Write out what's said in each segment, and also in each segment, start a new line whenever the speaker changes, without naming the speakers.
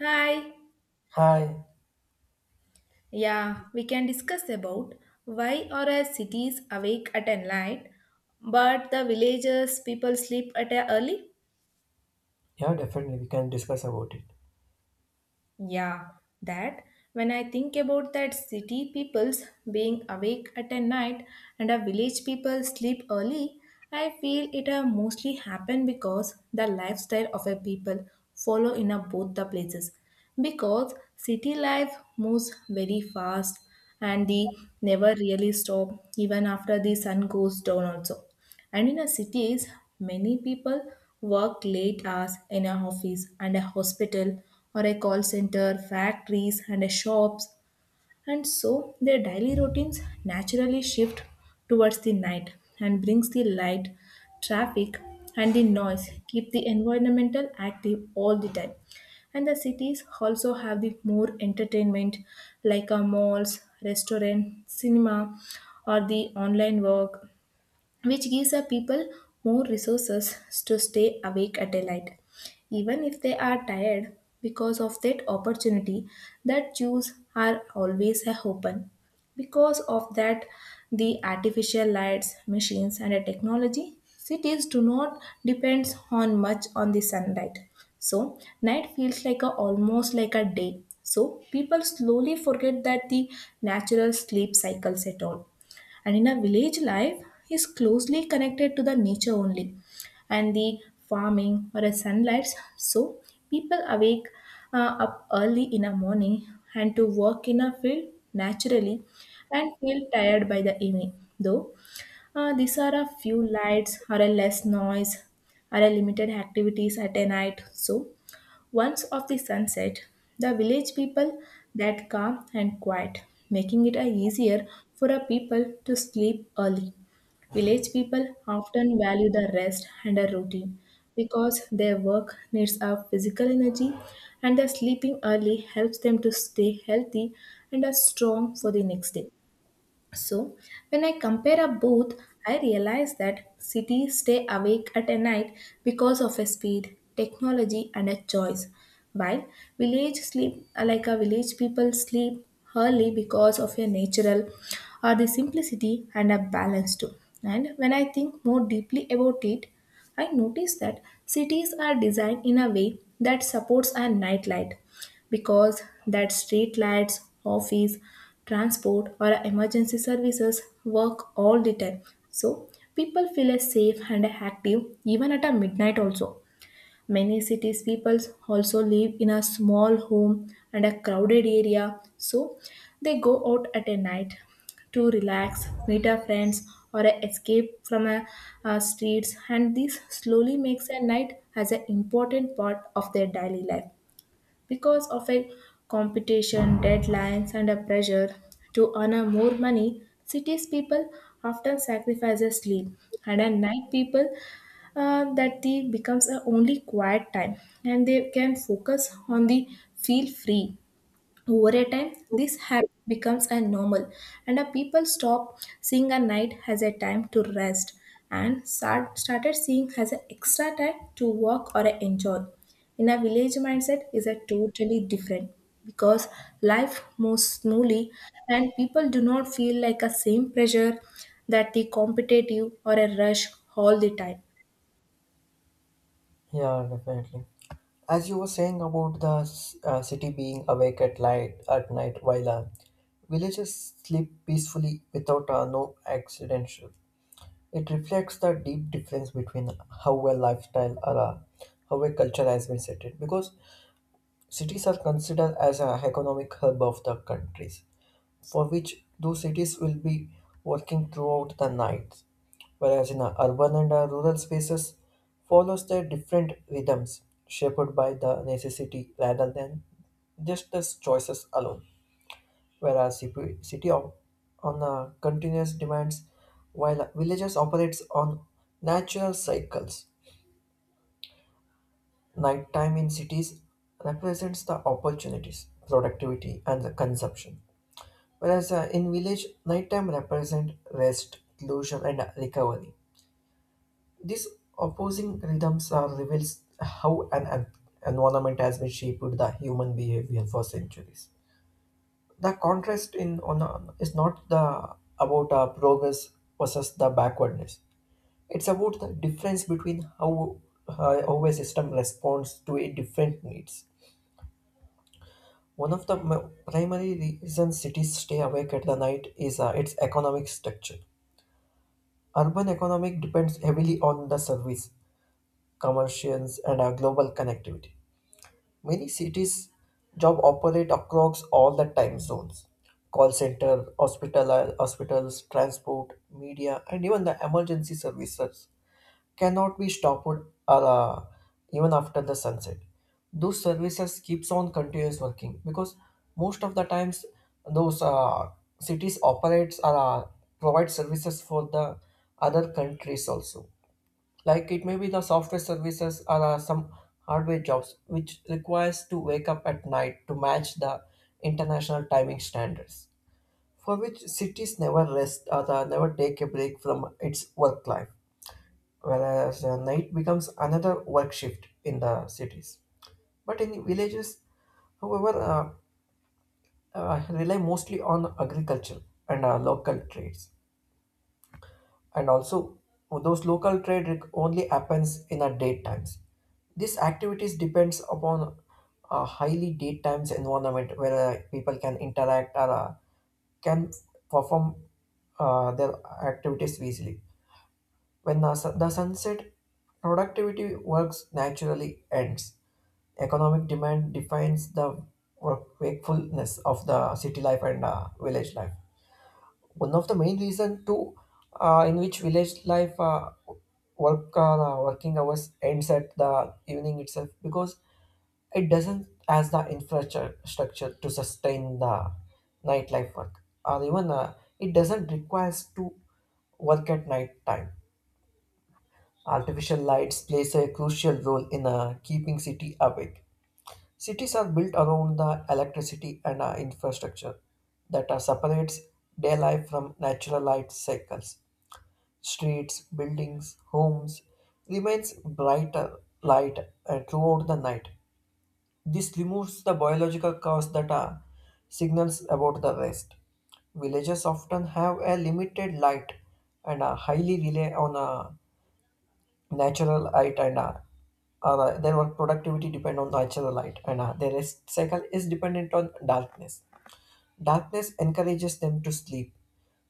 Hi.
Hi.
Yeah, we can discuss about why are our cities awake at a night, but the villages people sleep at a early?
Yeah, definitely. We can discuss about it.
Yeah, that when I think about that city peoples being awake at a night and a village people sleep early, I feel it have mostly happened because the lifestyle of a people follow in a both the places. Because city life moves very fast and they never really stop even after the sun goes down also, and in our cities, many people work late hours in a office and a hospital or a call center, factories and a shops. And so their daily routines naturally shift towards the night, and brings the light, traffic and the noise keep the environmental active all the time. And the cities also have the more entertainment like our malls, restaurant, cinema or the online work, which gives a people more resources to stay awake at a light even if they are tired because of that opportunity that choose are always a open. Because of that the artificial lights machines and the technology, cities do not depends on much on the sunlight, so night feels like a almost like a day, so people slowly forget that the natural sleep cycles at all. And in a village, life is closely connected to the nature only, and the farming or a sunlight. So people awake up early in the morning, and to work in a field naturally, and feel tired by the evening. Though these are a few lights or a less noise or a limited activities at a night. So once of the sunset, the village people that calm and quiet, making it a easier for a people to sleep early. Village people often value the rest and a routine because their work needs a physical energy, and the sleeping early helps them to stay healthy and are strong for the next day. So, when I compare up both, I realize that cities stay awake at a night because of a speed, technology, and a choice, while village sleep like a village people sleep early because of a natural or the simplicity and a balance too. And when I think more deeply about it, I notice that cities are designed in a way that supports our nightlight because that street lights, office, transport, or emergency services work all the time. So people feel as safe and active even at a midnight also. Many cities people also live in a small home and a crowded area, so they go out at a night to relax, meet our friends, or escape from a streets, and this slowly makes a night as an important part of their daily life. Because of a competition, deadlines, and a pressure to earn more money, cities people often sacrifice their sleep, and at night people that they becomes a only quiet time, and they can focus on the feel free. Over a time, this habit becomes a normal, and a people stop seeing a night as a time to rest, and started seeing as an extra time to work or enjoy. In a village mindset is a totally different because life moves smoothly and people do not feel like a same pressure that the competitive or a rush all the time.
Yeah, definitely. As you were saying about the city being awake at light at night while villages sleep peacefully without no accidental. It reflects the deep difference between how a lifestyle or how a culture has been settled because cities are considered as an economic hub of the countries for which those cities will be working throughout the night, whereas in our urban and rural spaces follows their different rhythms shaped by the necessity rather than just as choices alone, whereas on continuous demands while villages operates on natural cycles. Nighttime in cities represents the opportunities, productivity, and the consumption, whereas in village nighttime represent rest illusion and recovery. These opposing rhythms are reveals how environment has been shaped the human behavior for centuries. The contrast is not the about progress versus the backwardness. It's about the difference between how a system responds to a different needs. One of the primary reasons cities stay awake at the night is its economic structure. Urban economic depends heavily on the service, commercials, and global connectivity. Many cities job operate across all the time zones. Call center, hospital, hospitals, transport, media, and even the emergency services cannot be stopped or, even after the sunset. Those services keeps on continuous working because most of the times those cities operates or provide services for the other countries also, like it may be the software services or some hardware jobs which requires to wake up at night to match the international timing standards, for which cities never rest or never take a break from its work life, whereas night becomes another work shift in the cities, but in villages however rely mostly on agriculture and local trades, and also those only happens in the daytimes. These activities depends upon a highly daytimes environment where people can interact or can perform their activities easily. When the sunset, productivity works naturally ends. Economic demand defines the wakefulness of the city life and village life. One of the main reason to in which village life working hours ends at the evening itself because it doesn't has the infrastructure structure to sustain the nightlife work, or even it doesn't requires to work at night time. Artificial lights plays a crucial role in keeping city awake. Cities are built around the electricity and infrastructure that separates day life from natural light cycles. Streets, buildings, homes remains brighter light throughout the night. This removes the biological cause that signals about the rest. Villages often have a limited light, and highly rely on natural light, and their work productivity depend on natural light, and their rest cycle is dependent on darkness. Darkness encourages them to sleep,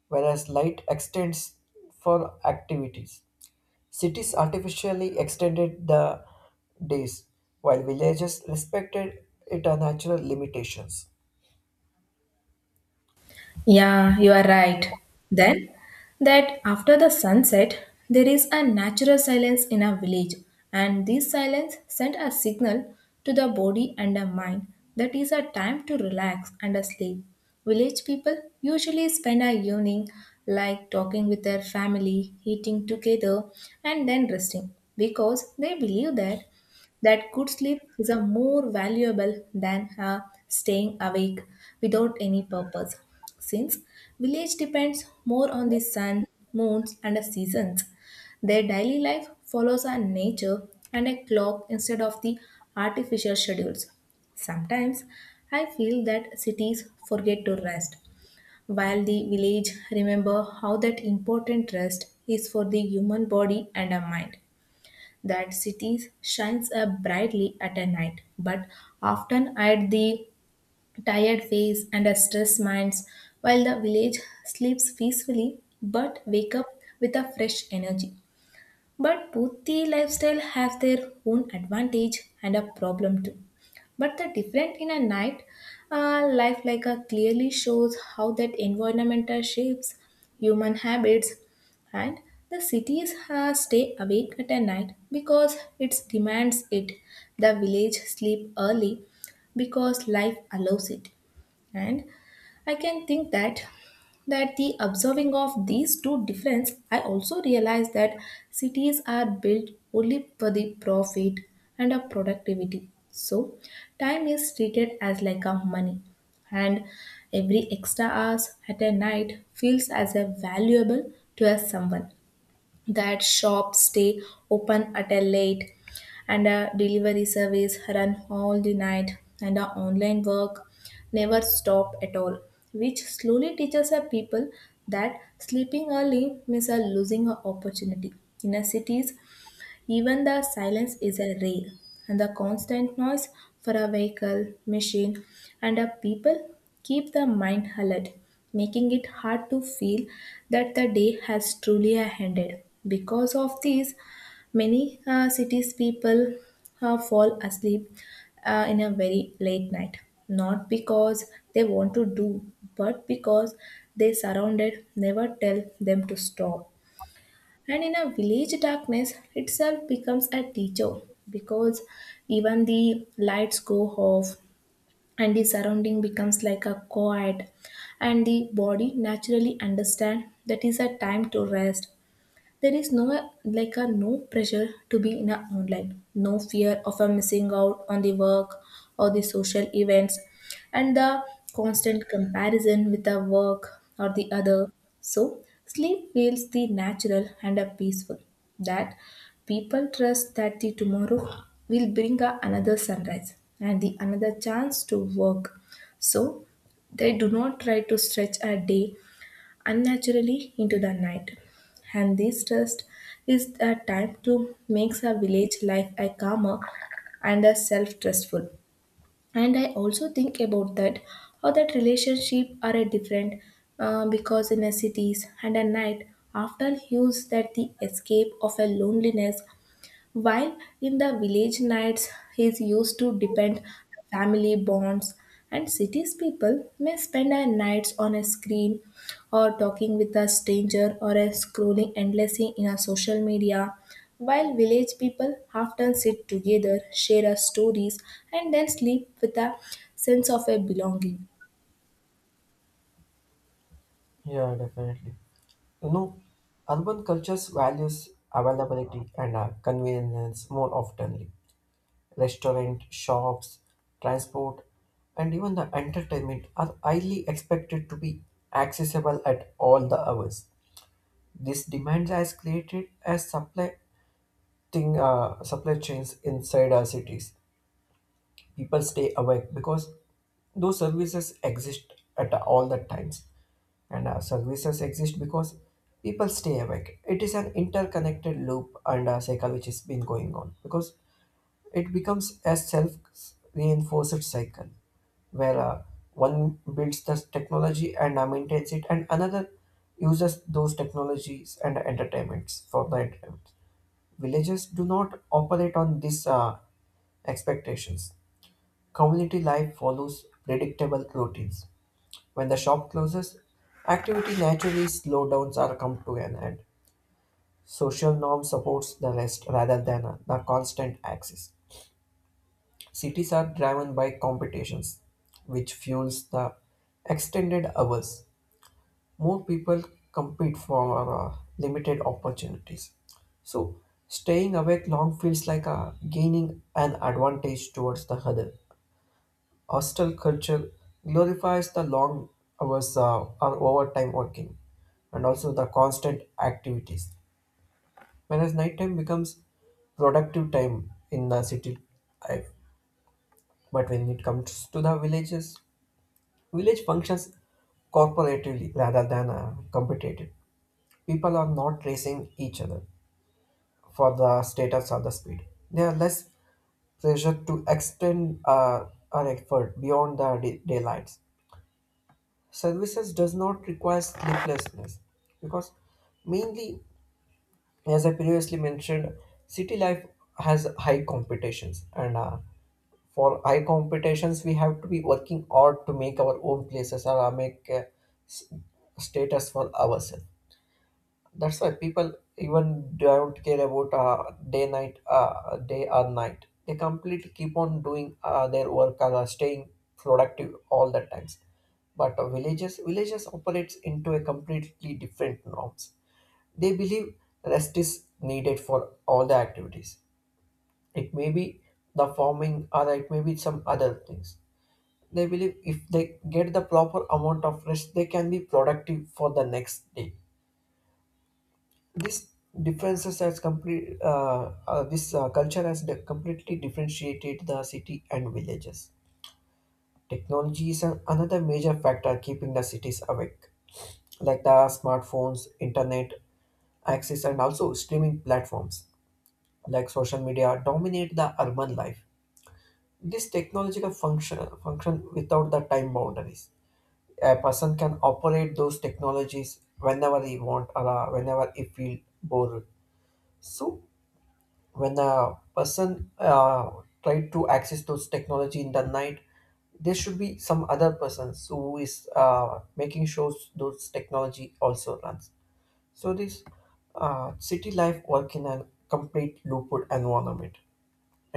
whereas light extends for activities. Cities artificially extended the days, while villages respected its natural limitations.
Yeah, you are right. Then, that after the sunset, there is a natural silence in a village, and this silence sent a signal to the body and the mind that is a time to relax and sleep. Village people usually spend a evening like talking with their family, eating together, and then resting because they believe that that good sleep is a more valuable than staying awake without any purpose. Since village depends more on the sun, moons, and the seasons, their daily life follows a nature and a clock instead of the artificial schedules. Sometimes I feel that cities forget to rest, while the village remember how that important rest is for the human body and a mind. That cities shines up brightly at a night, but often at the tired face and a stressed minds, while the village sleeps peacefully but wake up with a fresh energy. But both the lifestyle have their own advantage and a problem too. But the different in a night life like a clearly shows how that environmental shapes human habits, and the cities stay awake at a night because it demands it, the village sleep early because life allows it. And I can think that that the observing of these two difference I also realize that cities are built only for the profit and a productivity, so time is treated as like a money, and every extra hours at a night feels as a valuable to as someone. That shops stay open at a late, and a delivery service run all the night, and our online work never stop at all, which slowly teaches our people that sleeping early means a losing an opportunity. In our cities even the silence is a rare, and the constant noise for a vehicle, machine, and a people keep the mind alert, making it hard to feel that the day has truly ended. Because of this, many cities people fall asleep in a very late night, not because they want to do, but because they surrounded never tell them to stop. And in a village darkness itself becomes a teacher because even the lights go off, and the surrounding becomes like a quiet, and the body naturally understand that is a time to rest. There is no like a no pressure to be in a online, no fear of a missing out on the work or the social events, and the constant comparison with the work or the other. So sleep feels the natural and a peaceful that people trust that the tomorrow will bring a another sunrise and the another chance to work. So they do not try to stretch a day unnaturally into the night. And this trust is a time to makes a village life a calmer and a self-trustful. And I also think about that how that relationship are a different because in a cities and a night often use that the escape of a loneliness, while in the village nights is used to depend family bonds. And cities people may spend their nights on a screen or talking with a stranger or a scrolling endlessly in a social media, while village people often sit together share our stories, and then sleep with a sense of a belonging.
Yeah, definitely. You know, urban cultures values availability and convenience more oftenly. Restaurant, shops, transport, and even the entertainment are highly expected to be accessible at all the hours. This demand has created a supply chains inside our cities. People stay awake because those services exist at all the times, and services exist because people stay awake. It is an interconnected loop and a cycle which has been going on, because it becomes a self reinforced cycle where one builds the technology and maintains it, and another uses those technologies and entertainments for the entertainment. Villages do not operate on these expectations. Community life follows predictable routines. When the shop closes, activity naturally slow downs or come to an end. Social norm supports the rest rather than the constant axis. Cities are driven by competitions, which fuels the extended hours. More people compete for limited opportunities. So, staying awake long feels like gaining an advantage towards the other. Hostel culture glorifies the long hours or overtime working, and also the constant activities, whereas nighttime becomes productive time in the city life. But when it comes to the villages, village functions cooperatively rather than competitive. People are not racing each other for the status or the speed. They are less pressure to extend our effort beyond the daylights. Services does not require sleeplessness because mainly, as I previously mentioned, city life has high competitions, and for high competitions, we have to be working hard to make our own places or s- status for ourselves. That's why people even don't care about day or night. They completely keep on doing their work or staying productive all the times. But villages operates into a completely different norms. They believe rest is needed for all the activities. It may be the farming or it may be some other things. They believe if they get the proper amount of rest, they can be productive for the next day. This differences has complete this culture has completely differentiated the city and villages. Technology is another major factor keeping the cities awake, like the smartphones, internet access, and also streaming platforms like social media dominate the urban life. This technological function without the time boundaries. A person can operate those technologies whenever he want, or whenever he feel bored. So when a person try to access those technology in the night, there should be some other person who is making sure those technology also runs. So this city life work in a complete looped environment.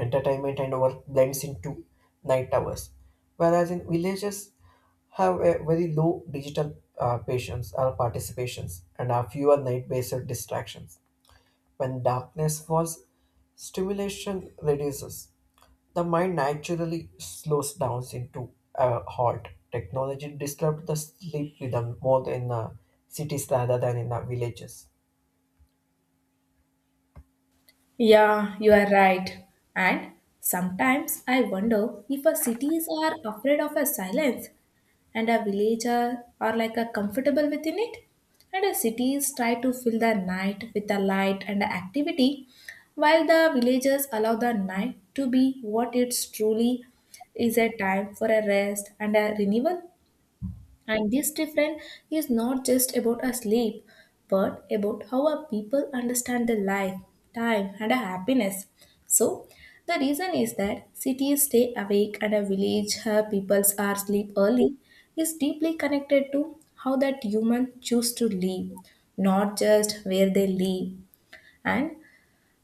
Entertainment and work blends into night hours, whereas in villages have a very low digital patience or participations, and are fewer night-based distractions. When darkness falls, stimulation reduces. The mind naturally slows down into a halt. Technology disturbs the sleep rhythm more in cities rather than in villages.
Yeah, you are right. And sometimes I wonder if our cities are afraid of a silence and our villages are like a comfortable within it. And our cities try to fill the night with the light and a activity, while the villages allow the night to be what it truly is, a time for a rest and a renewal. And this difference is not just about our sleep, but about how our people understand their life, time, and our happiness. So, the reason is that cities stay awake and a village her peoples are sleep early is deeply connected to how that human choose to live, not just where they live. And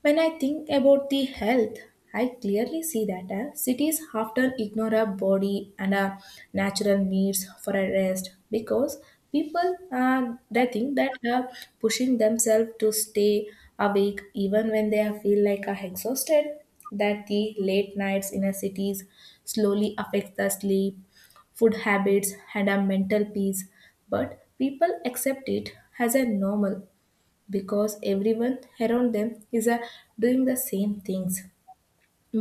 when I think about the health, I clearly see that cities often ignore our body and our natural needs for a rest because people they think that pushing themselves to stay awake even when they are feel like are exhausted, that the late nights in a cities slowly affects the sleep food habits and a mental peace, but people accept it as a normal because everyone around them is doing the same things.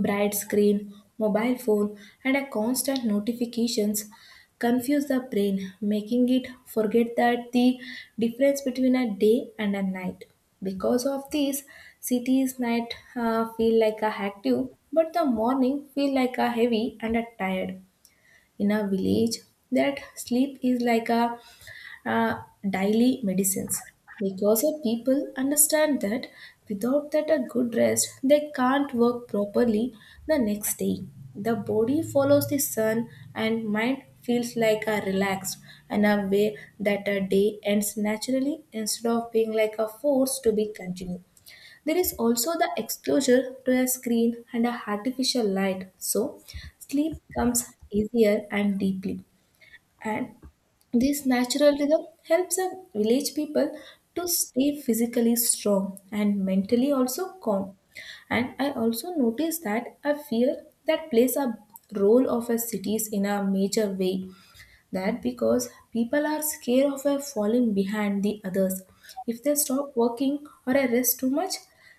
Bright screen, mobile phone, and a constant notifications confuse the brain, making it forget that the difference between a day and a night. Because of this, cities night feel like a active, but the morning feel like a heavy and a tired. In a village, that sleep is like a uh, daily medicines because the people understand that without that a good rest they can't work properly the next day. The body follows the sun, and mind feels like a relaxed, and a way that a day ends naturally instead of being like a force to be continued. There is also the exposure to a screen and a artificial light, so sleep comes easier and deeply. And this natural rhythm helps the village people to stay physically strong and mentally also calm. And I also noticed that a fear that plays a role of a cities in a major way, that because people are scared of a falling behind the others. If they stop working or I rest too much,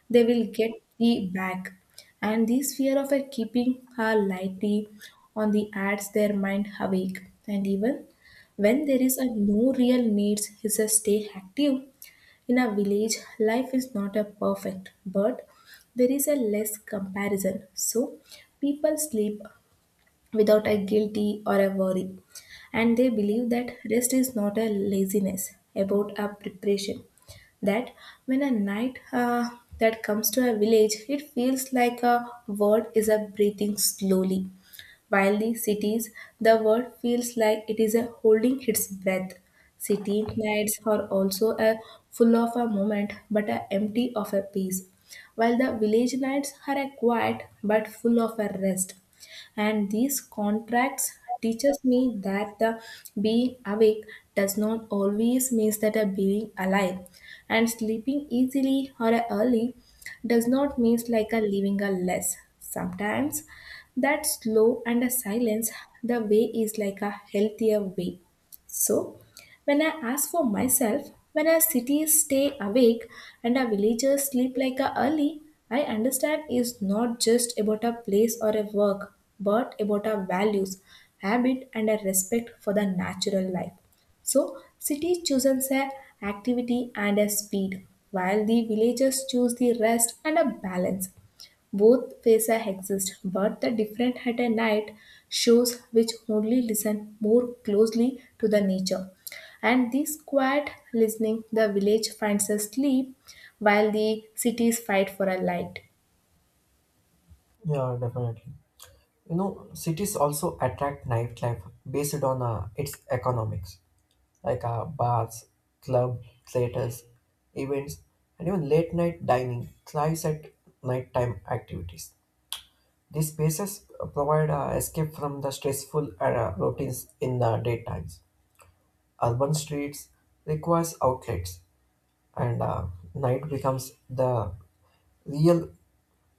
they will get the back. And this fear of a keeping her lightly on the ads their mind awake. And even when there is a no real needs is a stay active. In a village, life is not a perfect, but there is a less comparison. So people sleep, without a guilty or a worry. And they believe that rest is not a laziness, about a preparation. That when a night that comes to a village, it feels like a world is a breathing slowly while the cities, the world feels like it is a holding its breath. City nights are also a full of a moment but a empty of a peace. While the village nights are a quiet but full of a rest. And these contracts teaches me that the being awake does not always means that a being alive, and sleeping easily or early does not mean like a living a less. Sometimes that slow and a silence, the way is like a healthier way. So when I ask for myself, when a city stay awake and a villager sleep like a early, I understand is not just about a place or a work, but about our values, habit and a respect for the natural life. So, cities chooses a activity and a speed, while the villagers choose the rest and a balance. Both faces exist, but the different at a night shows which only listen more closely to the nature. And this quiet listening, the village finds a sleep, while the cities fight for a light.
Yeah, definitely. You know, cities also attract nightlife based on its economics, like bars, club, theaters, events, and even late night dining thrives at nighttime activities. These spaces provide escape from the stressful routines in the daytimes. Urban streets requires outlets, and night becomes the real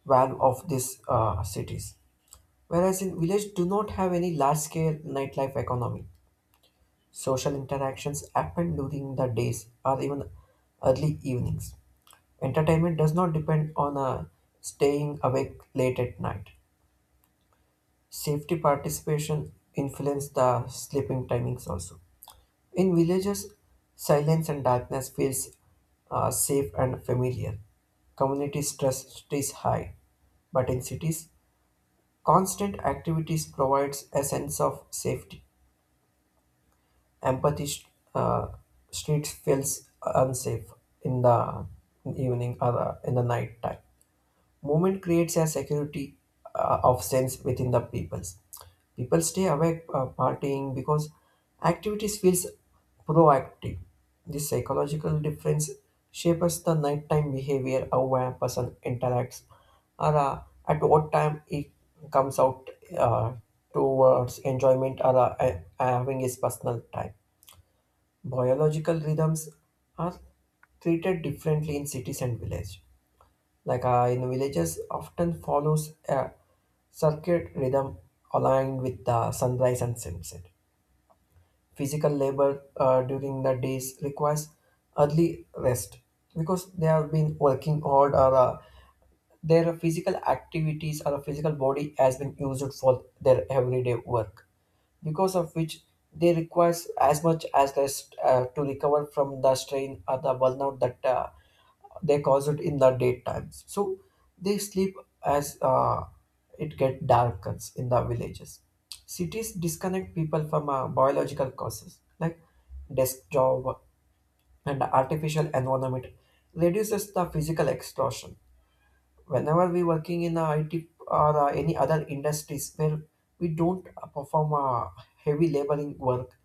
value of these cities. Whereas in village do not have any large scale nightlife economy. Social interactions happen during the days or even early evenings. Entertainment does not depend on staying awake late at night. Safety participation influence the sleeping timings also. In villages, silence and darkness feels safe and familiar. Community stress is high, but in cities, constant activities provides a sense of safety. Empathy uh, streets feels unsafe in the evening or the, in the night time. Movement creates a security of sense within the peoples. People stay awake partying because activities feels proactive. This psychological difference shapes the nighttime behavior, how a person interacts, or at what time he comes out uh, towards enjoyment or having his personal time. Biological rhythms are treated differently in cities and villages, like in villages often follows a circuit rhythm aligned with the sunrise and sunset. Physical labor during the days requires early rest, because they have been working hard or their physical activities or physical body has been used for their everyday work, because of which they requires as much as rest to recover from the strain or the burnout that they cause it in the daytime, so they sleep as it get darkens in the villages. Cities disconnect people from biological causes, like desk job and artificial environment reduces the physical exhaustion. Whenever we working in it or any other industries where we don't perform heavy laboring work,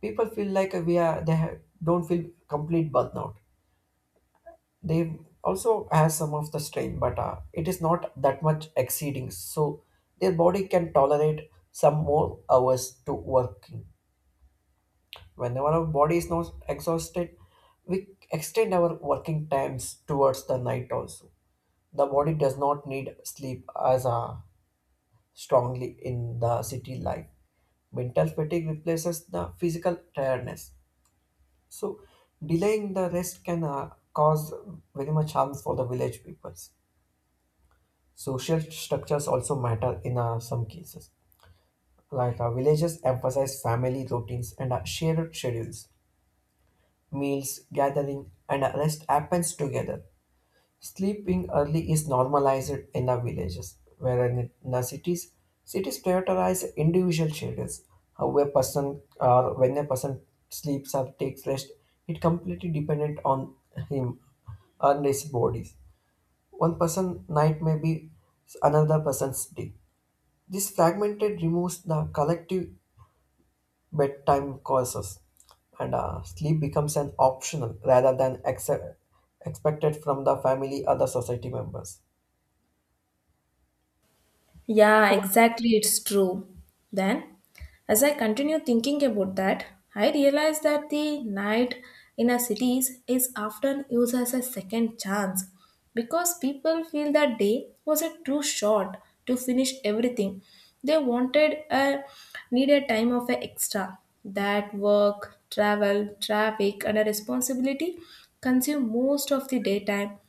people feel like we are they ha- don't feel complete burnout. They also has some of the strain, but it is not that much exceeding, so their body can tolerate some more hours to working. Whenever our body is not exhausted, we extend our working times towards the night also. The body does not need sleep as strongly in the city life. Mental fatigue replaces the physical tiredness. So, delaying the rest can cause very much harm for the village peoples. Social structures also matter in some cases. Like villages emphasize family routines and shared schedules. Meals, gathering, and rest happens together. Sleeping early is normalized in the villages, where in the cities, cities prioritize individual schedules. How a person or when a person sleeps or takes rest, it completely dependent on him and his bodies. One person night may be another person's day. This fragmented removes the collective bedtime courses, and sleep becomes an optional rather than expected from the family or the society members.
Yeah, exactly, it's true. Then, as I continue thinking about that, I realize that the night in our cities is often used as a second chance because people feel that day was a too short to finish everything. They wanted a needed time of a extra. That work, travel, traffic, and a responsibility consume most of the daytime,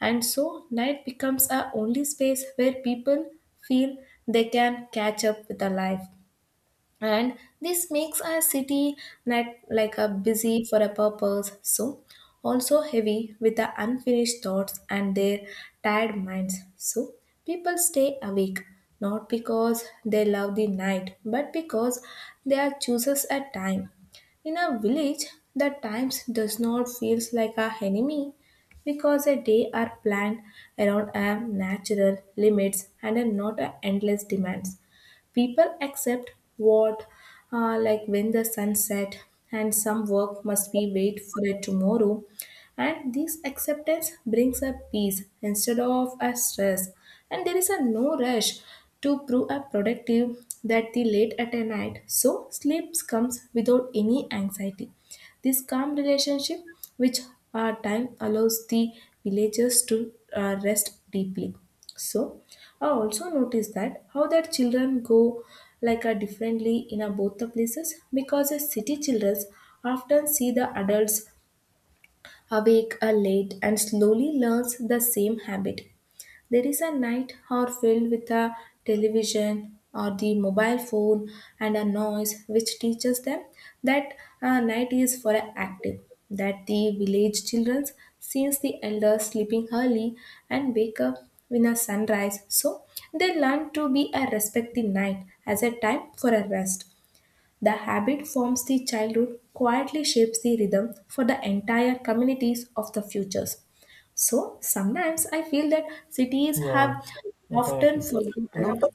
and so night becomes a only space where people feel they can catch up with the life, and this makes our city not like a busy for a purpose, so also heavy with the unfinished thoughts and their tired minds. So people stay awake not because they love the night but because they are chooses a time. In a village, the times does not feels like a enemy because a day are planned around a natural limits and are not a endless demands. People accept what, like when the sun set, and some work must be wait for a tomorrow. And this acceptance brings a peace instead of a stress. And there is a no rush to prove a productive that the late at a night. So sleeps comes without any anxiety. This calm relationship, which our time allows the villagers to rest deeply. So I also noticed that how that children go like a differently in a both the places, because the city children often see the adults awake late and slowly learns the same habit. There is a night hour filled with a television or the mobile phone and a noise which teaches them that night is for a active, that the village children sees the elders sleeping early and wake up when a sunrise. So they learn to be a respect the night as a time for a rest. The habit forms the childhood, quietly shapes the rhythm for the entire communities of the futures. So sometimes I feel that cities
Yeah,
have often
definitely. You know,
forgotten,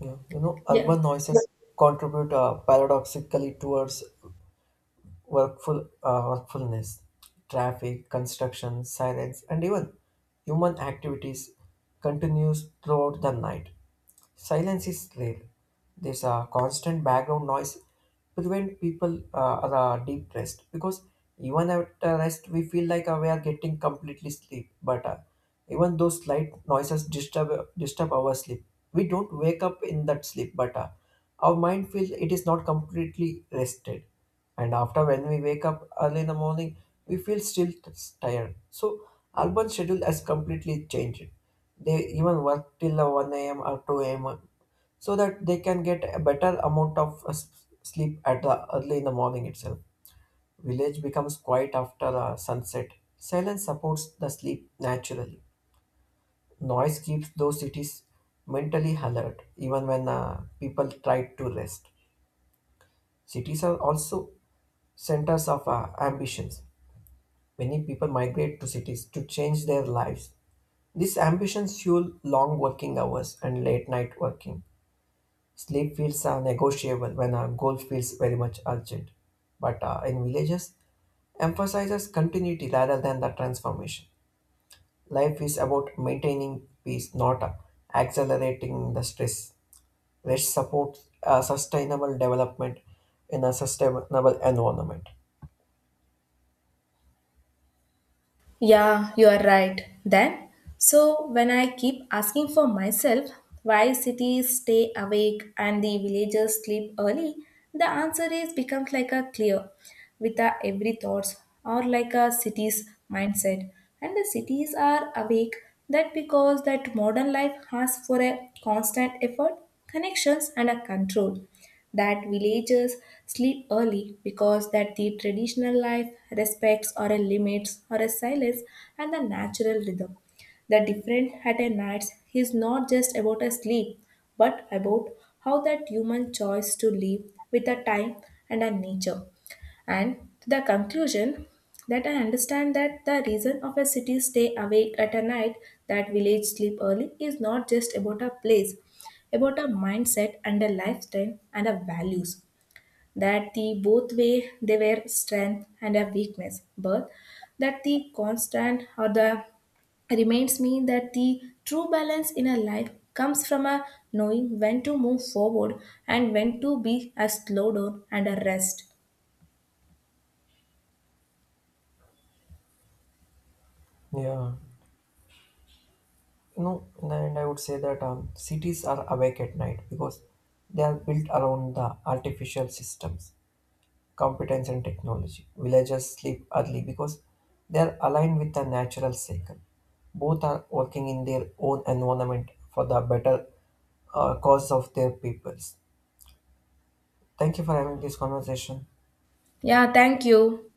yeah, you know,
yeah.
urban noises contribute paradoxically towards workfulness, traffic, construction, silence, and even human activities continues throughout the night. Silence is rare. There's a constant background noise prevent people are deep rest, because even after rest we feel like we are getting completely sleep. But even those slight noises disturb our sleep. We don't wake up in that sleep, but our mind feels it is not completely rested, and after when we wake up early in the morning we feel still tired. So urban schedule has completely changed. They even work till the 1 a.m. or 2 a.m., so that they can get a better amount of sleep at the early in the morning itself. Village becomes quiet after sunset. Silence supports the sleep naturally. Noise keeps those cities mentally alert even when people try to rest. Cities are also centers of ambitions. Many people migrate to cities to change their lives. These ambitions fuel long working hours and late night working. Sleep feels negotiable when a goal feels very much urgent. But in villages, emphasizes continuity rather than the transformation. Life is about maintaining peace, not accelerating the stress. Rest supports sustainable development in a sustainable environment.
Yeah, you are right. Then, so when I keep asking for myself why cities stay awake and the villagers sleep early, the answer is becomes like a clear with our every thoughts or like a city's mindset. And the cities are awake that because that modern life has for a constant effort, connections and a control, that villagers sleep early because that the traditional life respects or a limits or a silence and the natural rhythm. The different at a nights is not just about a sleep, but about how that human choice to live with the time and a nature. And the conclusion that I understand that the reason of a city stay awake at a night, that village sleep early is not just about a place, about a mindset and a lifestyle and a values. That the both way they were strength and a weakness, but that the constant or the reminds me that the true balance in a life comes from a knowing when to move forward and when to be a slow down and a rest.
Yeah. No, in the end, I would say that cities are awake at night because they are built around the artificial systems, competence, and technology. Villages sleep early because they are aligned with the natural cycle. Both are working in their own environment for the better cause of their peoples. Thank you for having this conversation.
Yeah, thank you.